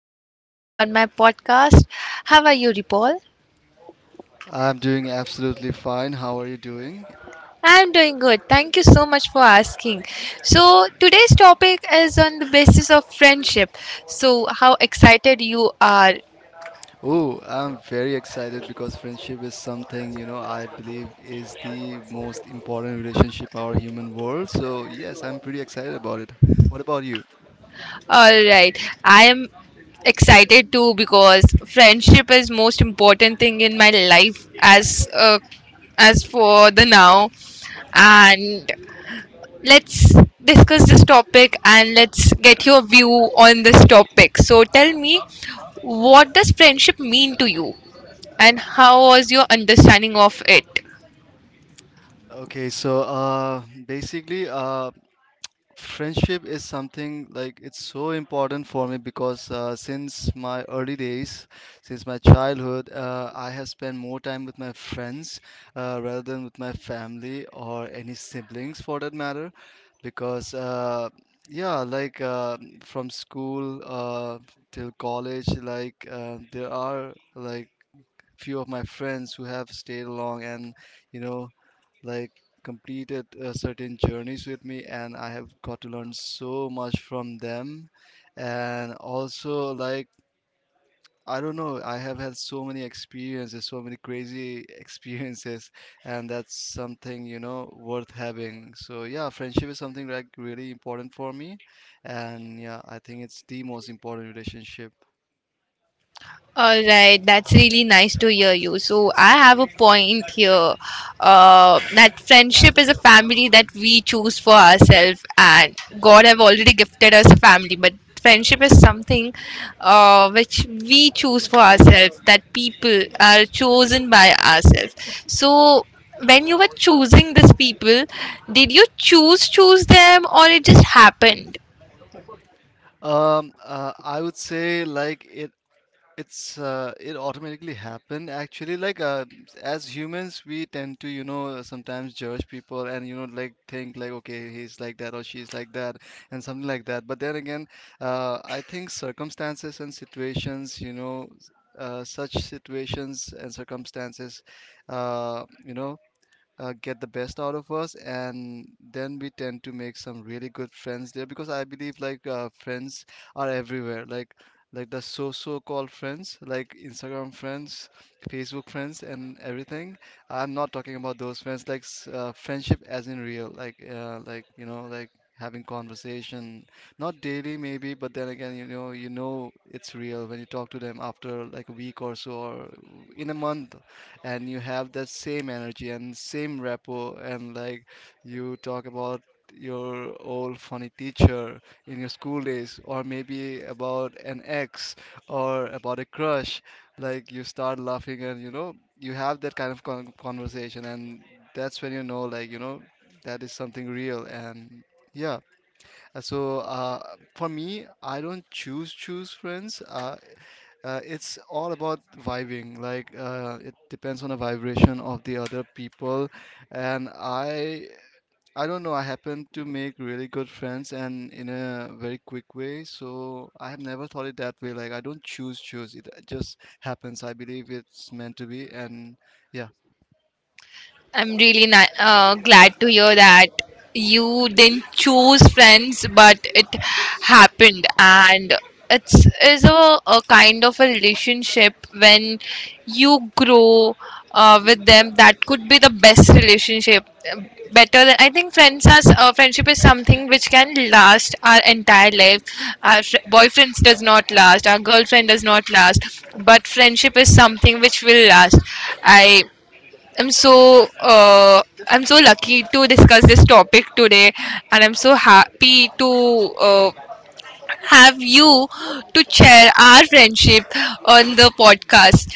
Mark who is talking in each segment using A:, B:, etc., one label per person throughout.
A: him on my podcast. How are you, Ripple?
B: I'm doing absolutely fine. How are you doing?
A: I'm doing good. Thank you so much for asking. So, today's topic is on the basis of friendship. So, how excited you are?
B: Oh, I'm very excited because friendship is something, you know, I believe is the most important relationship our human world. So, yes, I'm pretty excited about it. What about you?
A: All right, I am excited too because friendship is most important thing in my life as for the now and let's discuss this topic and let's get your view on this topic. So tell me, what does friendship mean to you and how was your understanding of it?
B: Okay, basically friendship is something like it's so important for me because since my early days, since my childhood, I have spent more time with my friends rather than with my family or any siblings for that matter because yeah like uh, from school till college, there are like few of my friends who have stayed along and you know like completed certain journeys with me, and I have got to learn so much from them, and also like I don't know, I have had so many experiences, so many crazy experiences, and that's something, you know, worth having. So yeah, friendship is something like really important for me, and yeah, I think it's the most important relationship.
A: All right, that's really nice to hear you. So I have a point here that friendship is a family that we choose for ourselves, and God have already gifted us a family, but friendship is something which we choose for ourselves. That people are chosen by ourselves. So when you were choosing these people, did you choose them or it just happened?
B: I would say like it automatically happen. Actually, as humans, we tend to, you know, sometimes judge people and, you know, like think like okay, he's like that or she's like that and something like that. But then again, I think circumstances and situations, you know, such situations and circumstances, you know, get the best out of us, and then we tend to make some really good friends there because I believe friends are everywhere, like the so called friends, like Instagram friends, Facebook friends and everything. I'm not talking about those friends like friendship as in real, like you know like having conversation not daily maybe, but then again, you know, you know it's real when you talk to them after like a week or so or in a month, and you have that same energy and same rapport, and like you talk about your old funny teacher in your school days or maybe about an ex or about a crush, like you start laughing and you know you have that kind of conversation, and that's when you know, like, you know that is something real. And yeah. So uh, for me, I don't choose choose friends. It's all about vibing. Like, it depends on the vibration of the other people, and I don't know. I happen to make really good friends and in a very quick way. So I have never thought it that way. Like I don't choose choose. It just happens. I believe it's meant to be, and yeah.
A: I'm really glad to hear that you didn't choose friends, but it happened, and it's is a kind of a relationship when you grow with them. That could be the best relationship. uh, Better than I think friends as friendship is something which can last our entire life. Our boyfriends does not last. Our girlfriend does not last. But friendship is something which will last. I I'm so I'm so lucky to discuss this topic today, and I'm so happy to uh, have you to share our friendship on the podcast.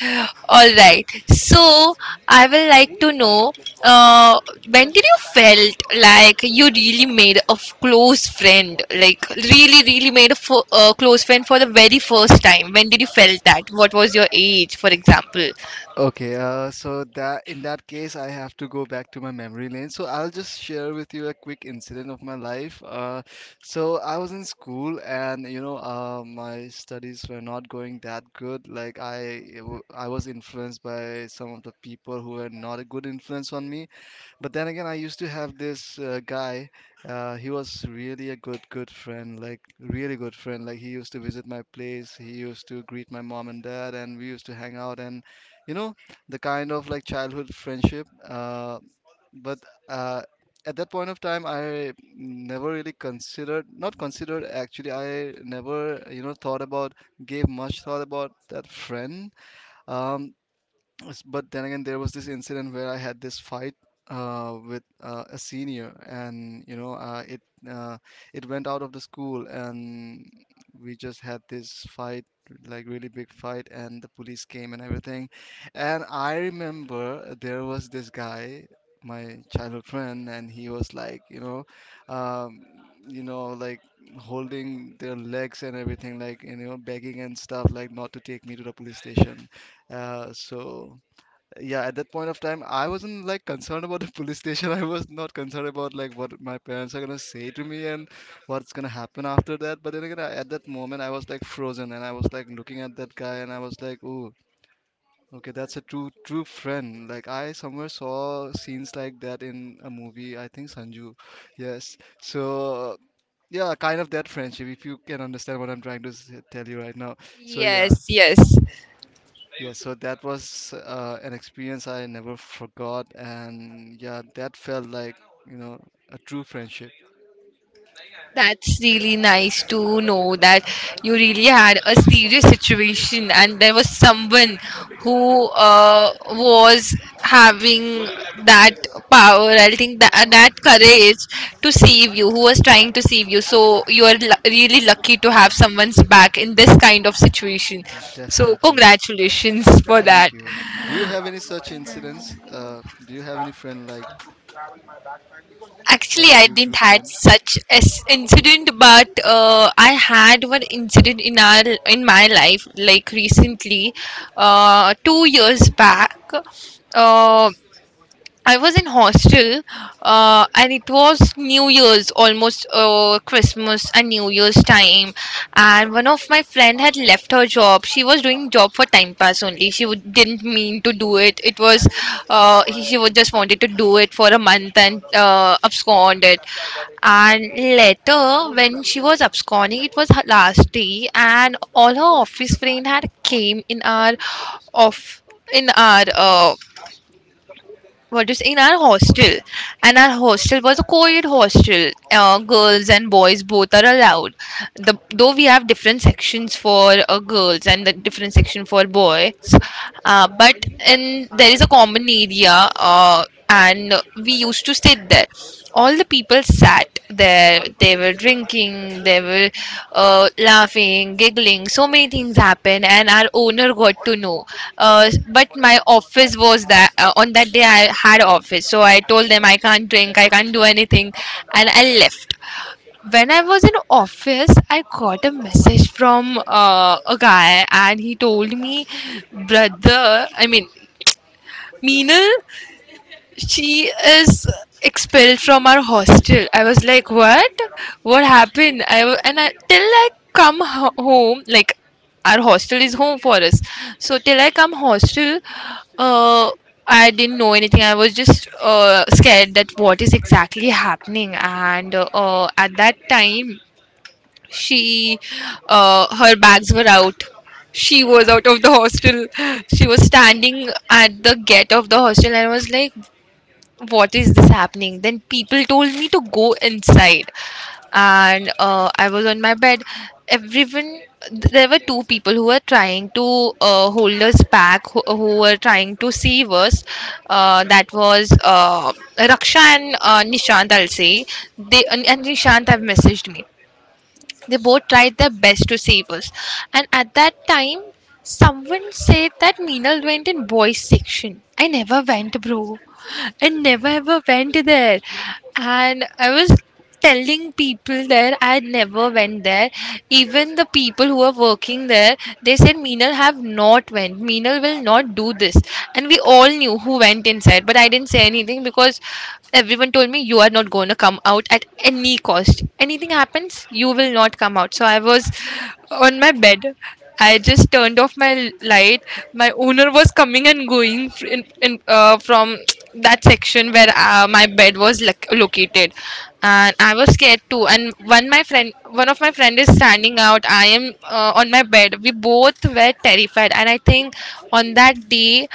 A: All right, so I will like to know uh, when did you felt like you really made a close friend, like really made a close friend for the very first time? When did you felt that? What was your age, for example?
B: Okay, so that, in that case, I have to go back to my memory lane. So I'll just share with you a quick incident of my life. So I was in school, and you know, my studies were not going that good. I was influenced by some of the people who were not a good influence on me. But then again, I used to have this guy. He was really a good, good friend. Like really good friend. Like he used to visit my place. He used to greet my mom and dad, and we used to hang out, and you know, the kind of like childhood friendship but uh, at that point of time, I never really considered, not considered, actually I never, you know, thought about, gave much thought about that friend. um, But then again, there was this incident where I had this fight with a senior, and you know, uh, it went out of the school, and we just had this fight, like really big fight, and the police came and everything. And I remember there was this guy, my childhood friend, and he was like, um, you know, like holding their legs and everything, like you know, begging and stuff, like not to take me to the police station. So yeah, at that point of time, I wasn't like concerned about the police station. I was not concerned about like what my parents are gonna say to me and what's gonna happen after that. But then again, at that moment, I was like frozen, and I was like looking at that guy, and I was like, ooh, okay, that's a true true friend. Like I somewhere saw scenes like that in a movie, I think Sanju. Yes. So yeah, kind of that friendship, if you can understand what I'm trying to tell you right now. So yeah.
A: Yes, yes.
B: Yeah, so that was an experience I never forgot, and yeah, that felt like, you know, a true friendship.
A: That's really nice to know that you really had a serious situation and there was someone who was having that power. I think that courage to save you, who was trying to save you. So you are lu really lucky to have someone's back in this kind of situation. So
B: Definitely.
A: congratulations for that.
B: Thank you. Do you have any such incidents? Do you have any friend like
A: Actually,
B: like
A: I
B: a true
A: didn't
B: true
A: had
B: friend?
A: such as incident, but I had one incident in our in my life, like recently, 2 years back. Uh, I was in hostel, and it was New Year's, almost Christmas and New Year's time. And one of my friend had left her job. She was doing job for time pass only. She would, didn't mean to do it. It was she would just wanted to do it for a month and abscond it. And later, when she was absconding, it was her last day, and all her office friend had came in our off in our what do you say in our hostel and our hostel was a co-ed hostel, girls and boys both are allowed, though we have different sections for girls and the different section for boys, but in there is a common area, and we used to sit there. All the people sat there. They were drinking, they were laughing, giggling, so many things happened and our owner got to know. But my office was that, on that day I had office, so I told them I can't drink, I can't do anything, and I left. When I was in office I got a message from a guy and he told me, brother, I mean Meenal, she is expelled from our hostel. I was like, what? What happened? And I, till I come home, like, our hostel is home for us, so till I come hostel, uh I didn't know anything. I was just scared that what is exactly happening. And at that time she, her bags were out, she was out of the hostel, she was standing at the gate of the hostel and I was like, what is this happening? Then people told me to go inside, and I was on my bed. Everyone, there were two people who were trying to hold us back, who were trying to save us. That was Raksha and Nishant, I'll say. They and Nishant have messaged me. They both tried their best to save us. And at that time, someone said that Meenal went in boys section. I never went, bro. I never ever went there. And I was telling people there I never went there. Even the people who are working there, they said Meenal have not went. Meenal Kendall will not do this. And we all knew who went inside, but I didn't say anything because everyone told me you are not going to come out at any cost. Anything happens, you will not come out. So I was on my bed. I just turned off my light. My owner was coming and going from that section where my bed was located, and I was scared too. And one of my friend is standing out, I am, on my bed, we both were terrified. And I think on that day,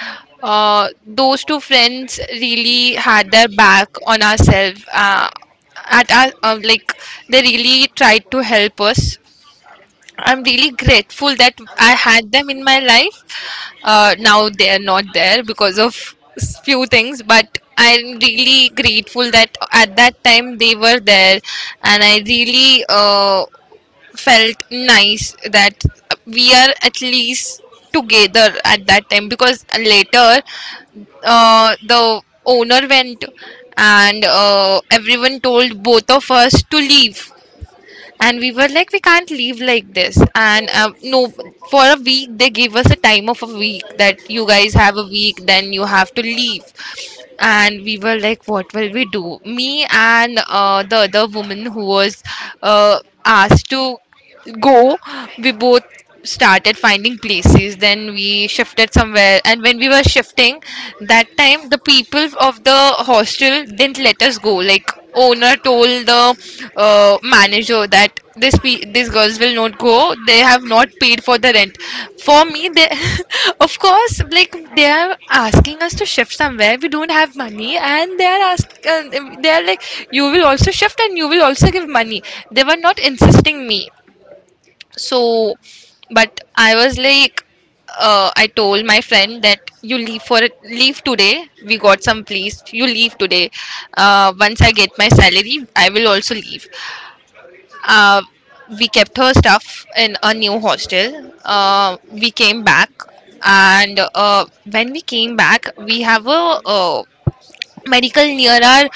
A: those two friends really had their back on ourselves. At our, like, they really tried to help us. I'm really grateful that I had them in my life. Now they're not there because of few things, but I'm really grateful that at that time they were there, and I really felt nice that we are at least together at that time. Because later the owner went and everyone told both of us to leave, and we were like, we can't leave like this. And no, for a week, they gave us a time of a week, that you guys have a week, then you have to leave. And we were like, what will we do? Me and the other woman who was uh, asked to go, we both started finding places. Then we shifted somewhere. And when we were shifting, that time the people of the hostel didn't let us go. Like owner told the manager that these girls will not go, they have not paid for the rent for me. They of course, like, they are asking us to shift somewhere, we don't have money, and they are like, you will also shift and you will also give money. They were not insisting me, so. But I was like, I told my friend that you leave for leave today, we got some place, you leave today. Once I get my salary I will also leave. uh, we kept her stuff in a new hostel. We came back. And when we came back, we have a, medical near our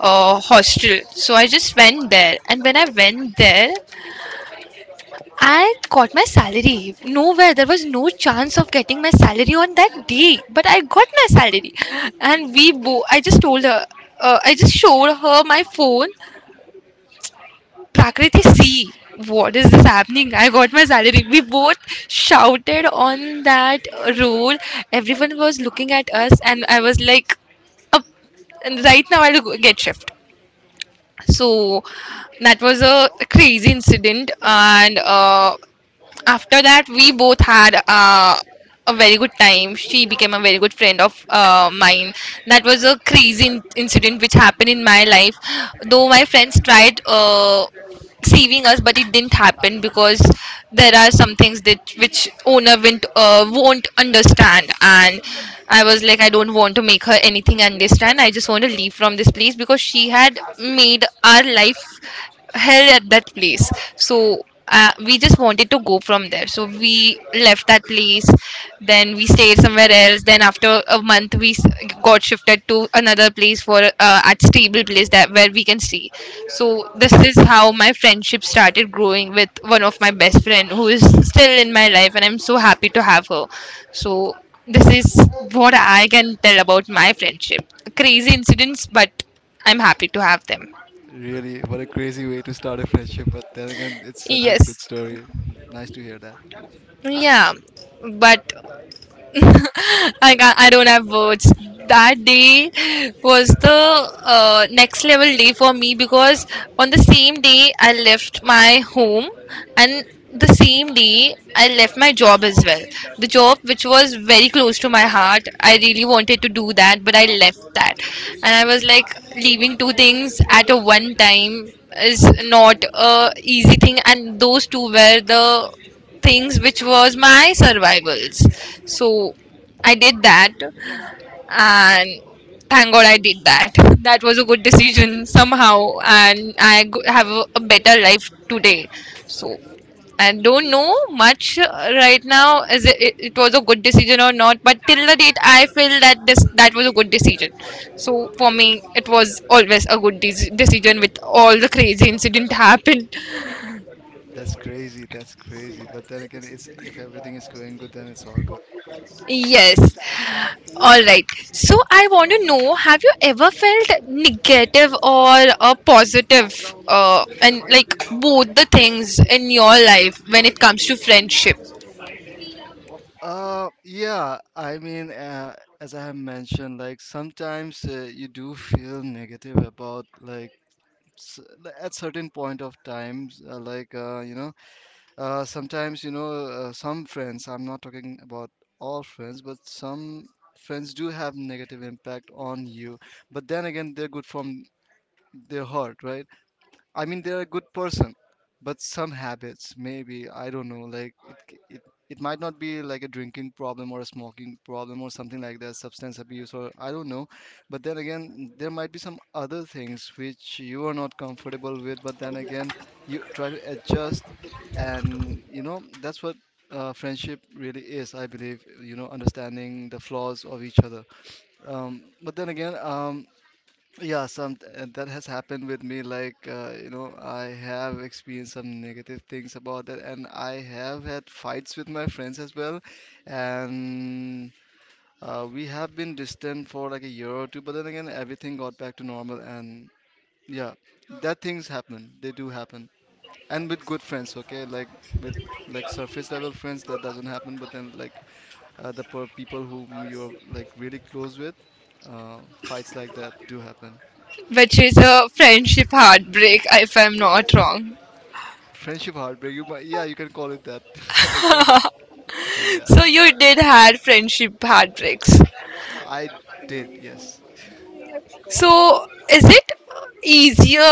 A: hostel, so I just went there. And when I went there, I got my salary. Nowhere. There was no chance of getting my salary on that day. But I got my salary. And we both, I just told her, I just showed her my phone. Prakriti, see, what is this happening? I got my salary. We both shouted on that road. Everyone was looking at us, and I was like, up. And right now I'll get shift. So that was a crazy incident. And after that we both had a very good time. She became a very good friend of mine. That was a crazy incident which happened in my life. Though my friends tried saving us, but it didn't happen because there are some things that which owner won't understand. And I was like, I don't want to make her anything understand, I just want to leave from this place because she had made our life hell at that place. So we just wanted to go from there, so we left that place. Then we stayed somewhere else. Then after a month we got shifted to another place, for at stable place that where we can stay. So this is how my friendship started growing with one of my best friend who is still in my life, and I'm so happy to have her. So this is what I can tell about my friendship. Crazy incidents, but I'm happy to have them.
B: Really, what a crazy way to start a friendship, but then again, it's such a
A: Yes.
B: good story. Nice to hear that.
A: Yeah, but I can, I don't have words. That day was the next level day for me because on the same day I left my home, and the same day I left my job as well. The job which was very close to my heart. I really wanted to do that, but I left that. And I was like leaving two things at a one time is not a easy thing and those two were the things which was my survivals so I did that, and thank god I did that. That was a good decision somehow and I have a better life today. So I don't know much right now as it was a good decision or not, but till the date I feel that this that was a good decision. So for me it was always a good decision with all the crazy incident happened.
B: That's crazy. That's crazy. But then again, it's if everything is going good, then it's all good.
A: Yes. All right. So I want to know, have you ever felt negative or positive and like both the things in your life when it comes to friendship,
B: Yeah, I mean, as I have mentioned, like sometimes you do feel negative about like, at certain point of times, you know, sometimes you know some friends. I'm not talking about all friends, but some friends do have negative impact on you. But then again, they're good from their heart, right? I mean, they're a good person, but some habits, maybe, I don't know, like, it might not be like a drinking problem or a smoking problem or something like that, substance abuse or I don't know. But then again, there might be some other things which you are not comfortable with, but then again, you try to adjust, and you know, that's what friendship really is, I believe, you know, understanding the flaws of each other. But then again, yeah, some that has happened with me. Like, you know, I have experienced some negative things about that, and I have had fights with my friends as well. And we have been distant for like a year or two, but then again, everything got back to normal. And yeah, that things happen. They do happen. And with good friends, okay? Like with like surface level friends, that doesn't happen. But then like the per people whom you're like really close with, fights like that do happen.
A: which is a friendship heartbreak if I'm not wrong.
B: Friendship heartbreak. You might, yeah, you can call it that. I guess. I think yeah.
A: So you did had friendship heartbreaks.
B: I did. Yes.
A: So is it easier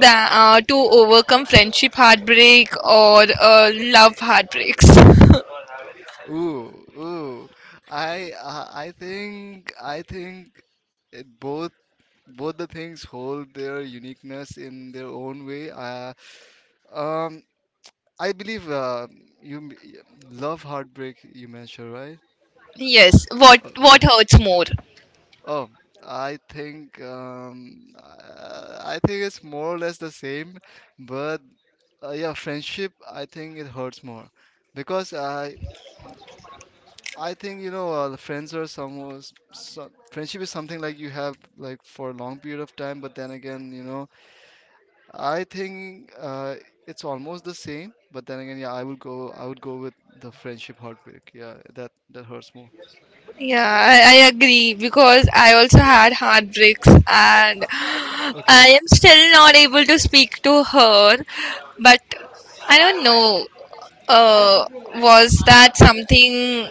A: than, to overcome friendship heartbreak or love heartbreaks?
B: Ooh, ooh. I think, I think it both, both the things hold their uniqueness in their own way. Um, I believe you m- y- love heartbreak. You mentioned right.
A: Yes,
B: Uh, uh,
A: what hurts more?
B: Oh, I think it's more or less the same, but yeah, friendship, I think it hurts more because I think, you know, the friends are some, so friendship is something like you have like for a long period of time, but then again, you know, I think it's almost the same, but then again, yeah, I would go, I would go with the friendship heartbreak. Yeah, that that hurts more.
A: Yeah, I agree because I also had heartbreaks and
B: Okay.
A: I am still not able to speak to her. But I don't know, was that something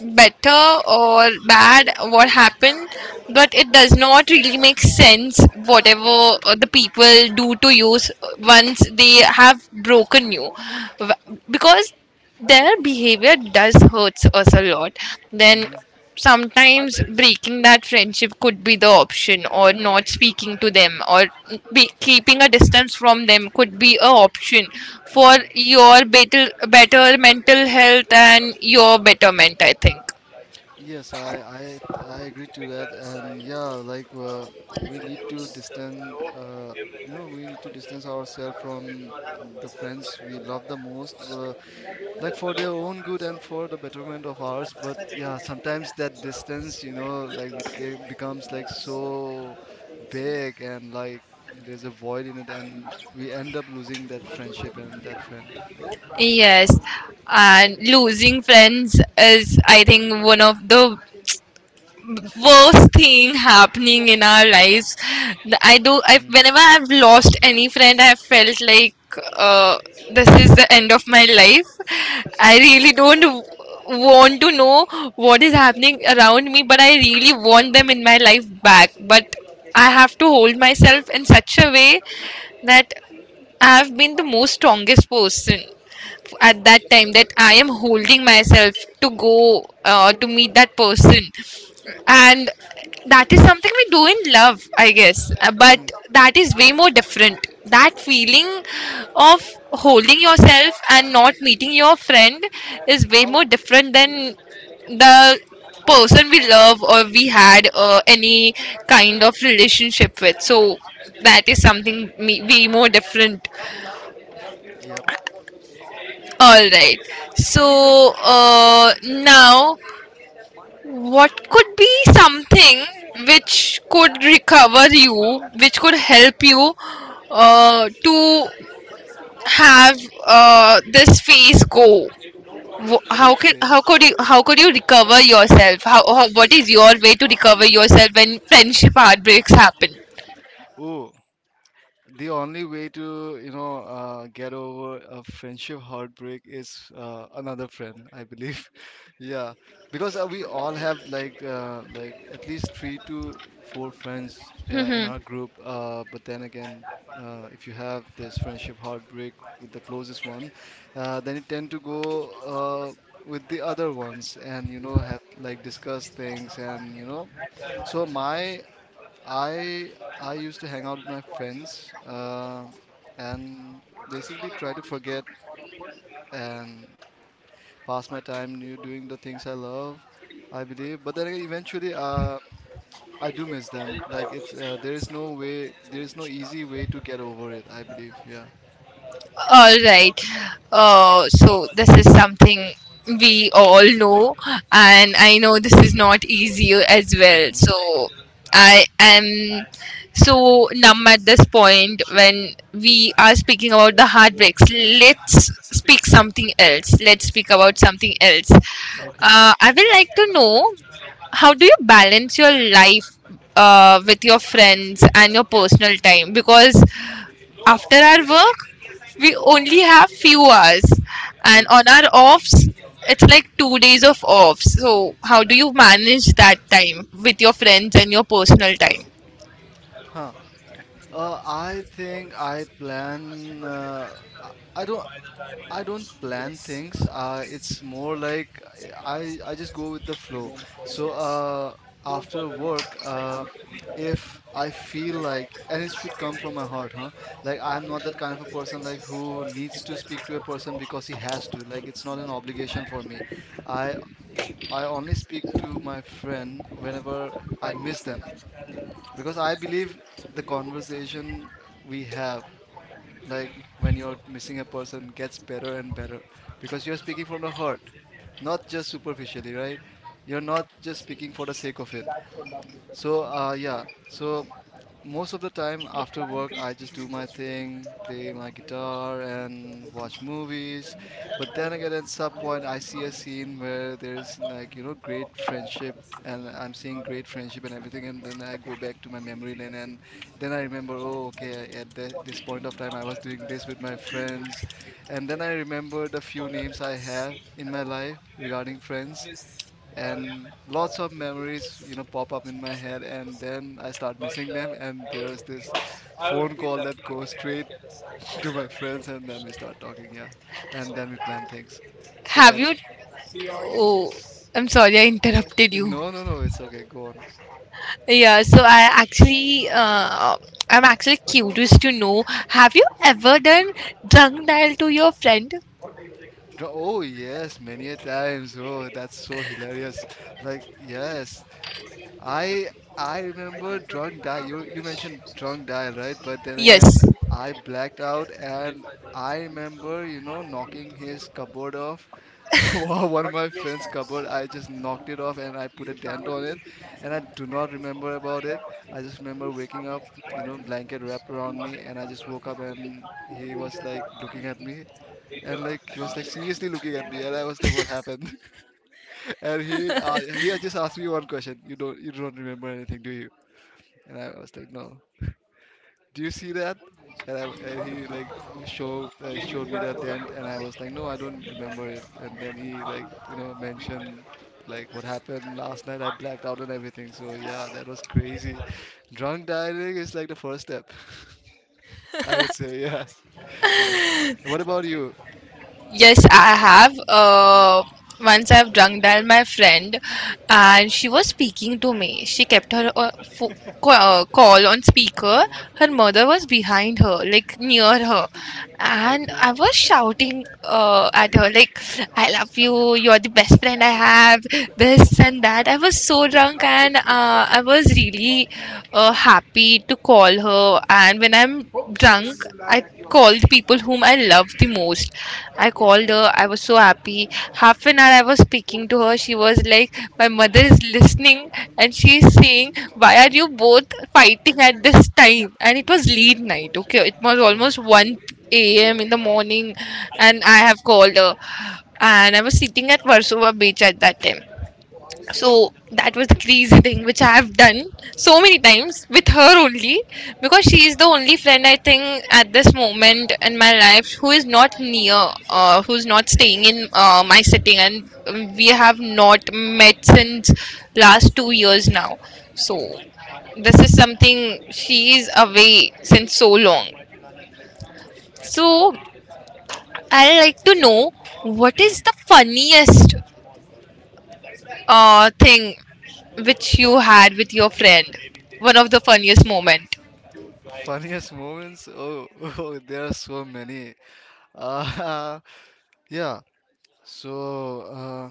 A: better or bad what happened, but it does not really make sense whatever the people do to you once they have broken you. Because their behavior does hurts us a lot, then
B: Mm.
A: sometimes breaking that friendship could be the option, or not speaking to them, or be keeping a distance from them could be a option
B: Mhm.
A: for
B: Mhm.
A: your better better mental health and your betterment, I think.
B: Yes, I I agree to that, and yeah, we need to distance, you know, we need to distance ourselves from the friends we love the most, like for their own good and for the betterment of ours. But yeah, sometimes that distance, you know, like became, becomes like so big, and like there's a void in it, and we end up losing that friendship and that friend.
A: Yes, and losing friends is, I think, one of the worst thing happening in our lives. I do. I,
B: Mm.
A: whenever I've lost any friend, I have felt like uh, this is the end of my life. I really don't want to know what is happening around me, but I really want them in my life back. But I have to hold myself in such a way that I have been the most strongest person at that time, that I am holding myself to go to meet that person. And that is something we do in love, I guess. But that is way more different. That feeling of holding yourself and not meeting your friend is way more different than the person we love or we had any kind of relationship with. So that is something way more different.
B: Yep. So
A: All right. So now, what could be something which could recover you, which could help you to have this phase go? How can,
B: phase?
A: how could you recover yourself? How, what is your way to recover yourself when friendship heartbreaks happen?
B: Oh. The only way to, you know, get over a friendship heartbreak is another friend, I believe. Yeah, because we all have like at least 3 to 4 friends in our group, but then again, if you have this friendship heartbreak with the closest one, then you tend to go uh, with the other ones and you know, have like discuss things and you know. So my, I I used to hang out with my friends, and basically try to forget and pass my time new doing the things I love, I believe. But then again, eventually, I do miss them. Like it's there is no way, there is no easy way to get over it. I believe, yeah.
A: All right. So this is something we all know, and I know this is not easy as well.
B: Mm-hmm.
A: So I am so numb at this point when we are speaking about the heartbreaks. Let's speak something else. Let's speak about something else.
B: Okay.
A: I would like to know, how do you balance your life with your friends and your personal time? Because after our work we only have few hours, and
B: True.
A: on our offs it's like 2 days of offs, so how do you manage that time with your friends and your personal time?
B: Huh. I think I plan. Uh, I don't. I don't plan things. It's more like I just go with the flow. So after work, if I feel like, and it should come from my heart, huh? Like I'm not that kind of a person like who needs to speak to a person because he has to. Like it's not an obligation for me. I I only speak to my friend whenever I miss them because I believe the conversation we have, like when you're missing a person, gets better and better because you're speaking from the heart, not just superficially, right? You're not just speaking for the sake of it. So yeah. So most of the time after work, I just do my thing, play my guitar and watch movies. But then again, at some point I see a scene where there's, like, you know, great friendship. And I'm seeing great friendship and everything, and then I go back to my memory lane, and then I remember, oh, okay, at this point of time I was doing this with my friends. And then I remember the few names I have in my life regarding friends, and lots of memories, you know, pop up in my head, and then I start missing them, and there's this phone call that goes straight to my friends, and then we start talking. Yeah. And then we plan things. So
A: Have
B: that's...
A: you, oh, I'm sorry, I interrupted you.
B: No, no, no, it's okay, go on.
A: Yeah, so I actually I'm actually curious to know, have you ever done drunk dial to your friend?
B: Oh yes, many a times. Oh, that's so hilarious. Like, yes. I i remember drunk die, you mentioned drunk die, right? But then again,
A: Yes.
B: I blacked out. And I remember, you know, knocking his cupboard off. Wow, one of my friend's cupboard, I just knocked it off and I put a dent on it, and I do not remember about it. I just remember waking up, you know, blanket wrapped around me, and I just woke up and he was like looking at me, and like he was like seriously looking at me, and I was like, what happened? And he had just asked me one question. You don't remember anything, do you? And I was like, no. Do you see that? And he like showed me the dent, and I was like, no, I don't remember it. And then he like, you know, mentioned like what happened last night. I blacked out and everything. So yeah, that was crazy. Drunk dialing is like the first step, I would say. Yes, yes. And what about you?
A: Yes, I have.
B: Hmm.
A: Once I've drunk down my friend, and she was speaking to me. She kept her call on speaker. Her mother was behind her, like near her, and
B: Okay.
A: I was shouting at her, like, "I love you. You're the best friend I have. This and that." I was so drunk, and I was really happy to call her. And when I'm drunk, I called the people whom I love the most. I called her. I was so happy. Half an hour I was speaking to her. She was like, "My mother is listening," and she is saying, "Why are you both fighting at this time?" And it was late night, okay? It was almost 1 a.m. in the morning and I have called her. And I was sitting at Warsaw Beach at that time. So that was the crazy thing which I have done so many times with her only, because she is the only friend I think at this moment in my life who is not near, who's not staying in my city, and we have not met since last 2 years now. So
B: Mhm.
A: this is something, she is away since so long. So I like to know, what
B: Yeah.
A: is the funniest thing which you had with your friend? One of the funniest moment.
B: Funniest moments? Oh, oh, there are so many. Uh, yeah. So, uh,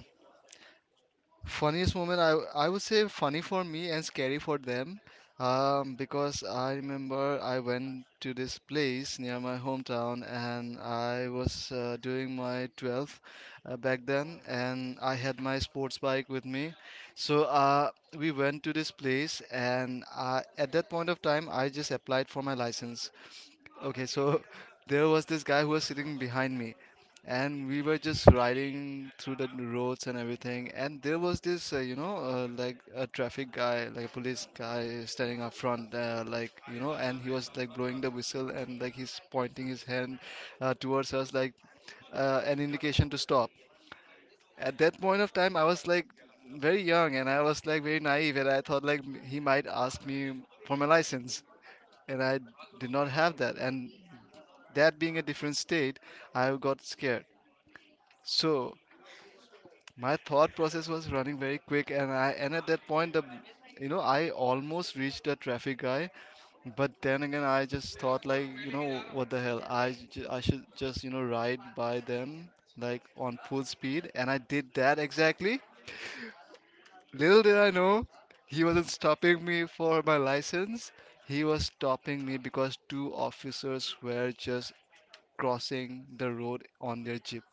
B: Funniest moment, I would say funny for me and scary for them, because I remember I went to this place near my hometown and I was doing my 12th back then, and I had my sports bike with me. So uh, we went to this place, and at that point of time, I just applied for my license. Okay, so there was this guy who was sitting behind me, and we were just riding through the roads and everything. And there was this, like a traffic guy, like a police guy standing up front, like, you know, and he was like blowing the whistle and like he's pointing his hand towards us, like an indication to stop. At that point of time, I was like very young and I was like very naive, and I thought like he might ask me for my license, and I did not have that. And that being a different state, I got scared. So my thought process was running very quick, and I and at that point, the you know I almost reached the traffic guy, but then again I just thought like, you know what the hell, I should just, you know, ride by them like on full speed, and I did that exactly. Little did I know, he wasn't stopping me for my license. He was stopping me because two officers were just crossing the road on their jeep.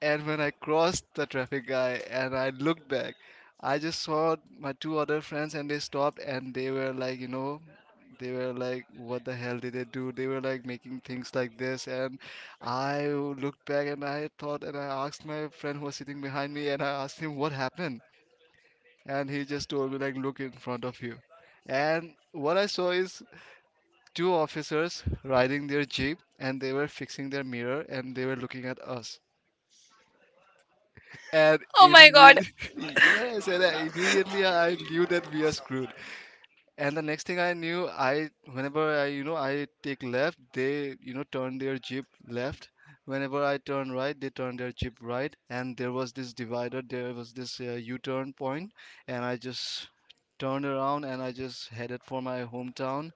B: And when I crossed the traffic guy and I looked back, I just saw my two other friends and they stopped and they were like, you know, they were like, what the hell did they do? They were like making things like this. And I looked back and I thought, and I asked my friend who was sitting behind me and I asked him what happened. And he just told me, like, look in front of you. And what I saw is two officers riding their jeep and they were fixing their mirror and they were looking at us. and
A: Oh my god.
B: imme- yes, and I immediately I knew that we are screwed. And the next thing I knew, I, whenever I, you know, I take left, they, you know, turn their jeep left. Whenever I turn right, they turn their jeep right. And there was this divider, there was this U-turn point, and I just turned around and I just headed for my hometown.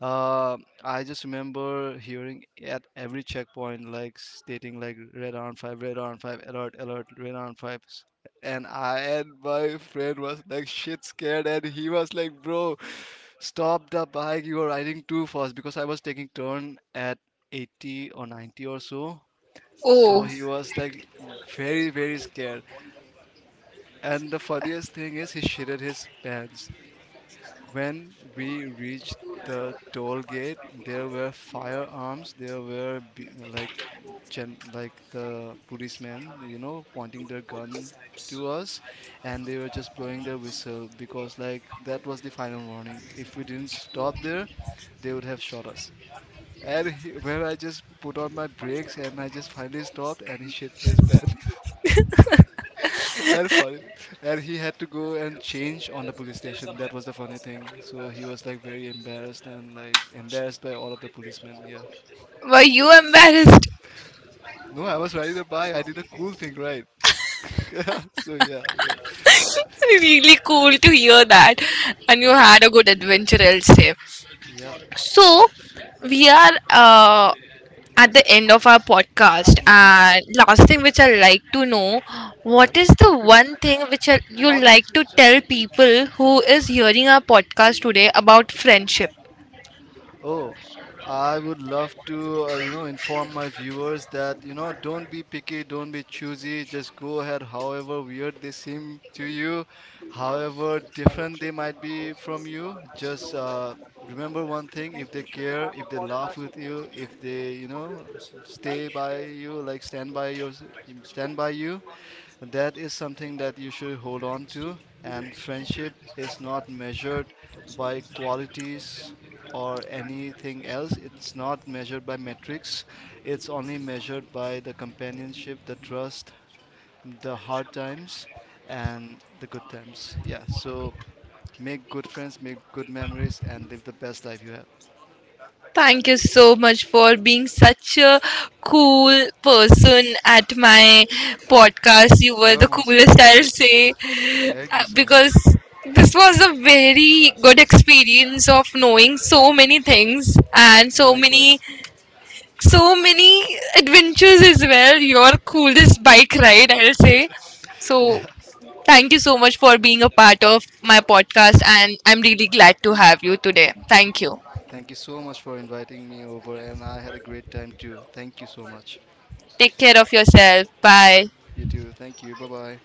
B: uh, I just remember hearing at every checkpoint, like stating like, red on five, alert, alert, red on five. And I, and my friend was like shit scared, and he was like, bro, stop the bike, you are riding too fast, because I was taking turn at 80 or 90 or so. So
A: Oh,
B: he was like very, very scared. And the funniest thing is he shitted his pants. When we reached the toll gate, there were firearms. There were like like the policemen, you know, pointing their gun to us, and they were just blowing their whistle because like that was the final warning. If we didn't stop there, they would have shot us. And he, where I just put on my brakes and I just finally stopped, and he shit his pants. And funny, and he had to go and change on the police station. That was the funny thing. So he was like very embarrassed and like embarrassed by all of the policemen. Yeah.
A: were you embarrassed?
B: No, I was riding a bike. I did a cool thing, right? So yeah. No.
A: Really cool to hear that. And you
B: Thank you.
A: had a good adventure, I'll say.
B: Yeah.
A: So, we are at the end of our podcast.
B: Mm-hmm.
A: And last thing which I'd like to know, what is the one thing which you like to tell people who is hearing our podcast today about friendship?
B: Yep. Oh, I would love to, you know, inform my viewers that, you know, don't be picky, don't be choosy, just go ahead, however weird they seem to you, however different they might be from you. Just Remember one thing, if they care, if they laugh with you, if they, you know, stay by you, like stand by you, that is something that you should hold on to. And friendship is not measured by qualities or anything else. It's not measured by metrics. It's only measured by the companionship, the trust, the hard times, and the good times. Yeah. So make good friends, make good memories, and live the best life you have.
A: Thank you so much for being such a cool person at my podcast. You were
B: You're
A: the
B: most
A: coolest, I'll
B: welcome.
A: say.
B: Thank you so
A: Because
B: much.
A: this was a very good experience of knowing so many things and so many,
B: Likewise.
A: so many adventures as well. Your coolest bike ride, I'll say. So
B: Yeah.
A: thank you so much for being a part of my podcast, and I'm really glad to have you today. Thank you.
B: Thank you so much for inviting me over, and I had a great time too. Thank you so much.
A: Take care of yourself. Bye.
B: You too. Thank you. Bye bye.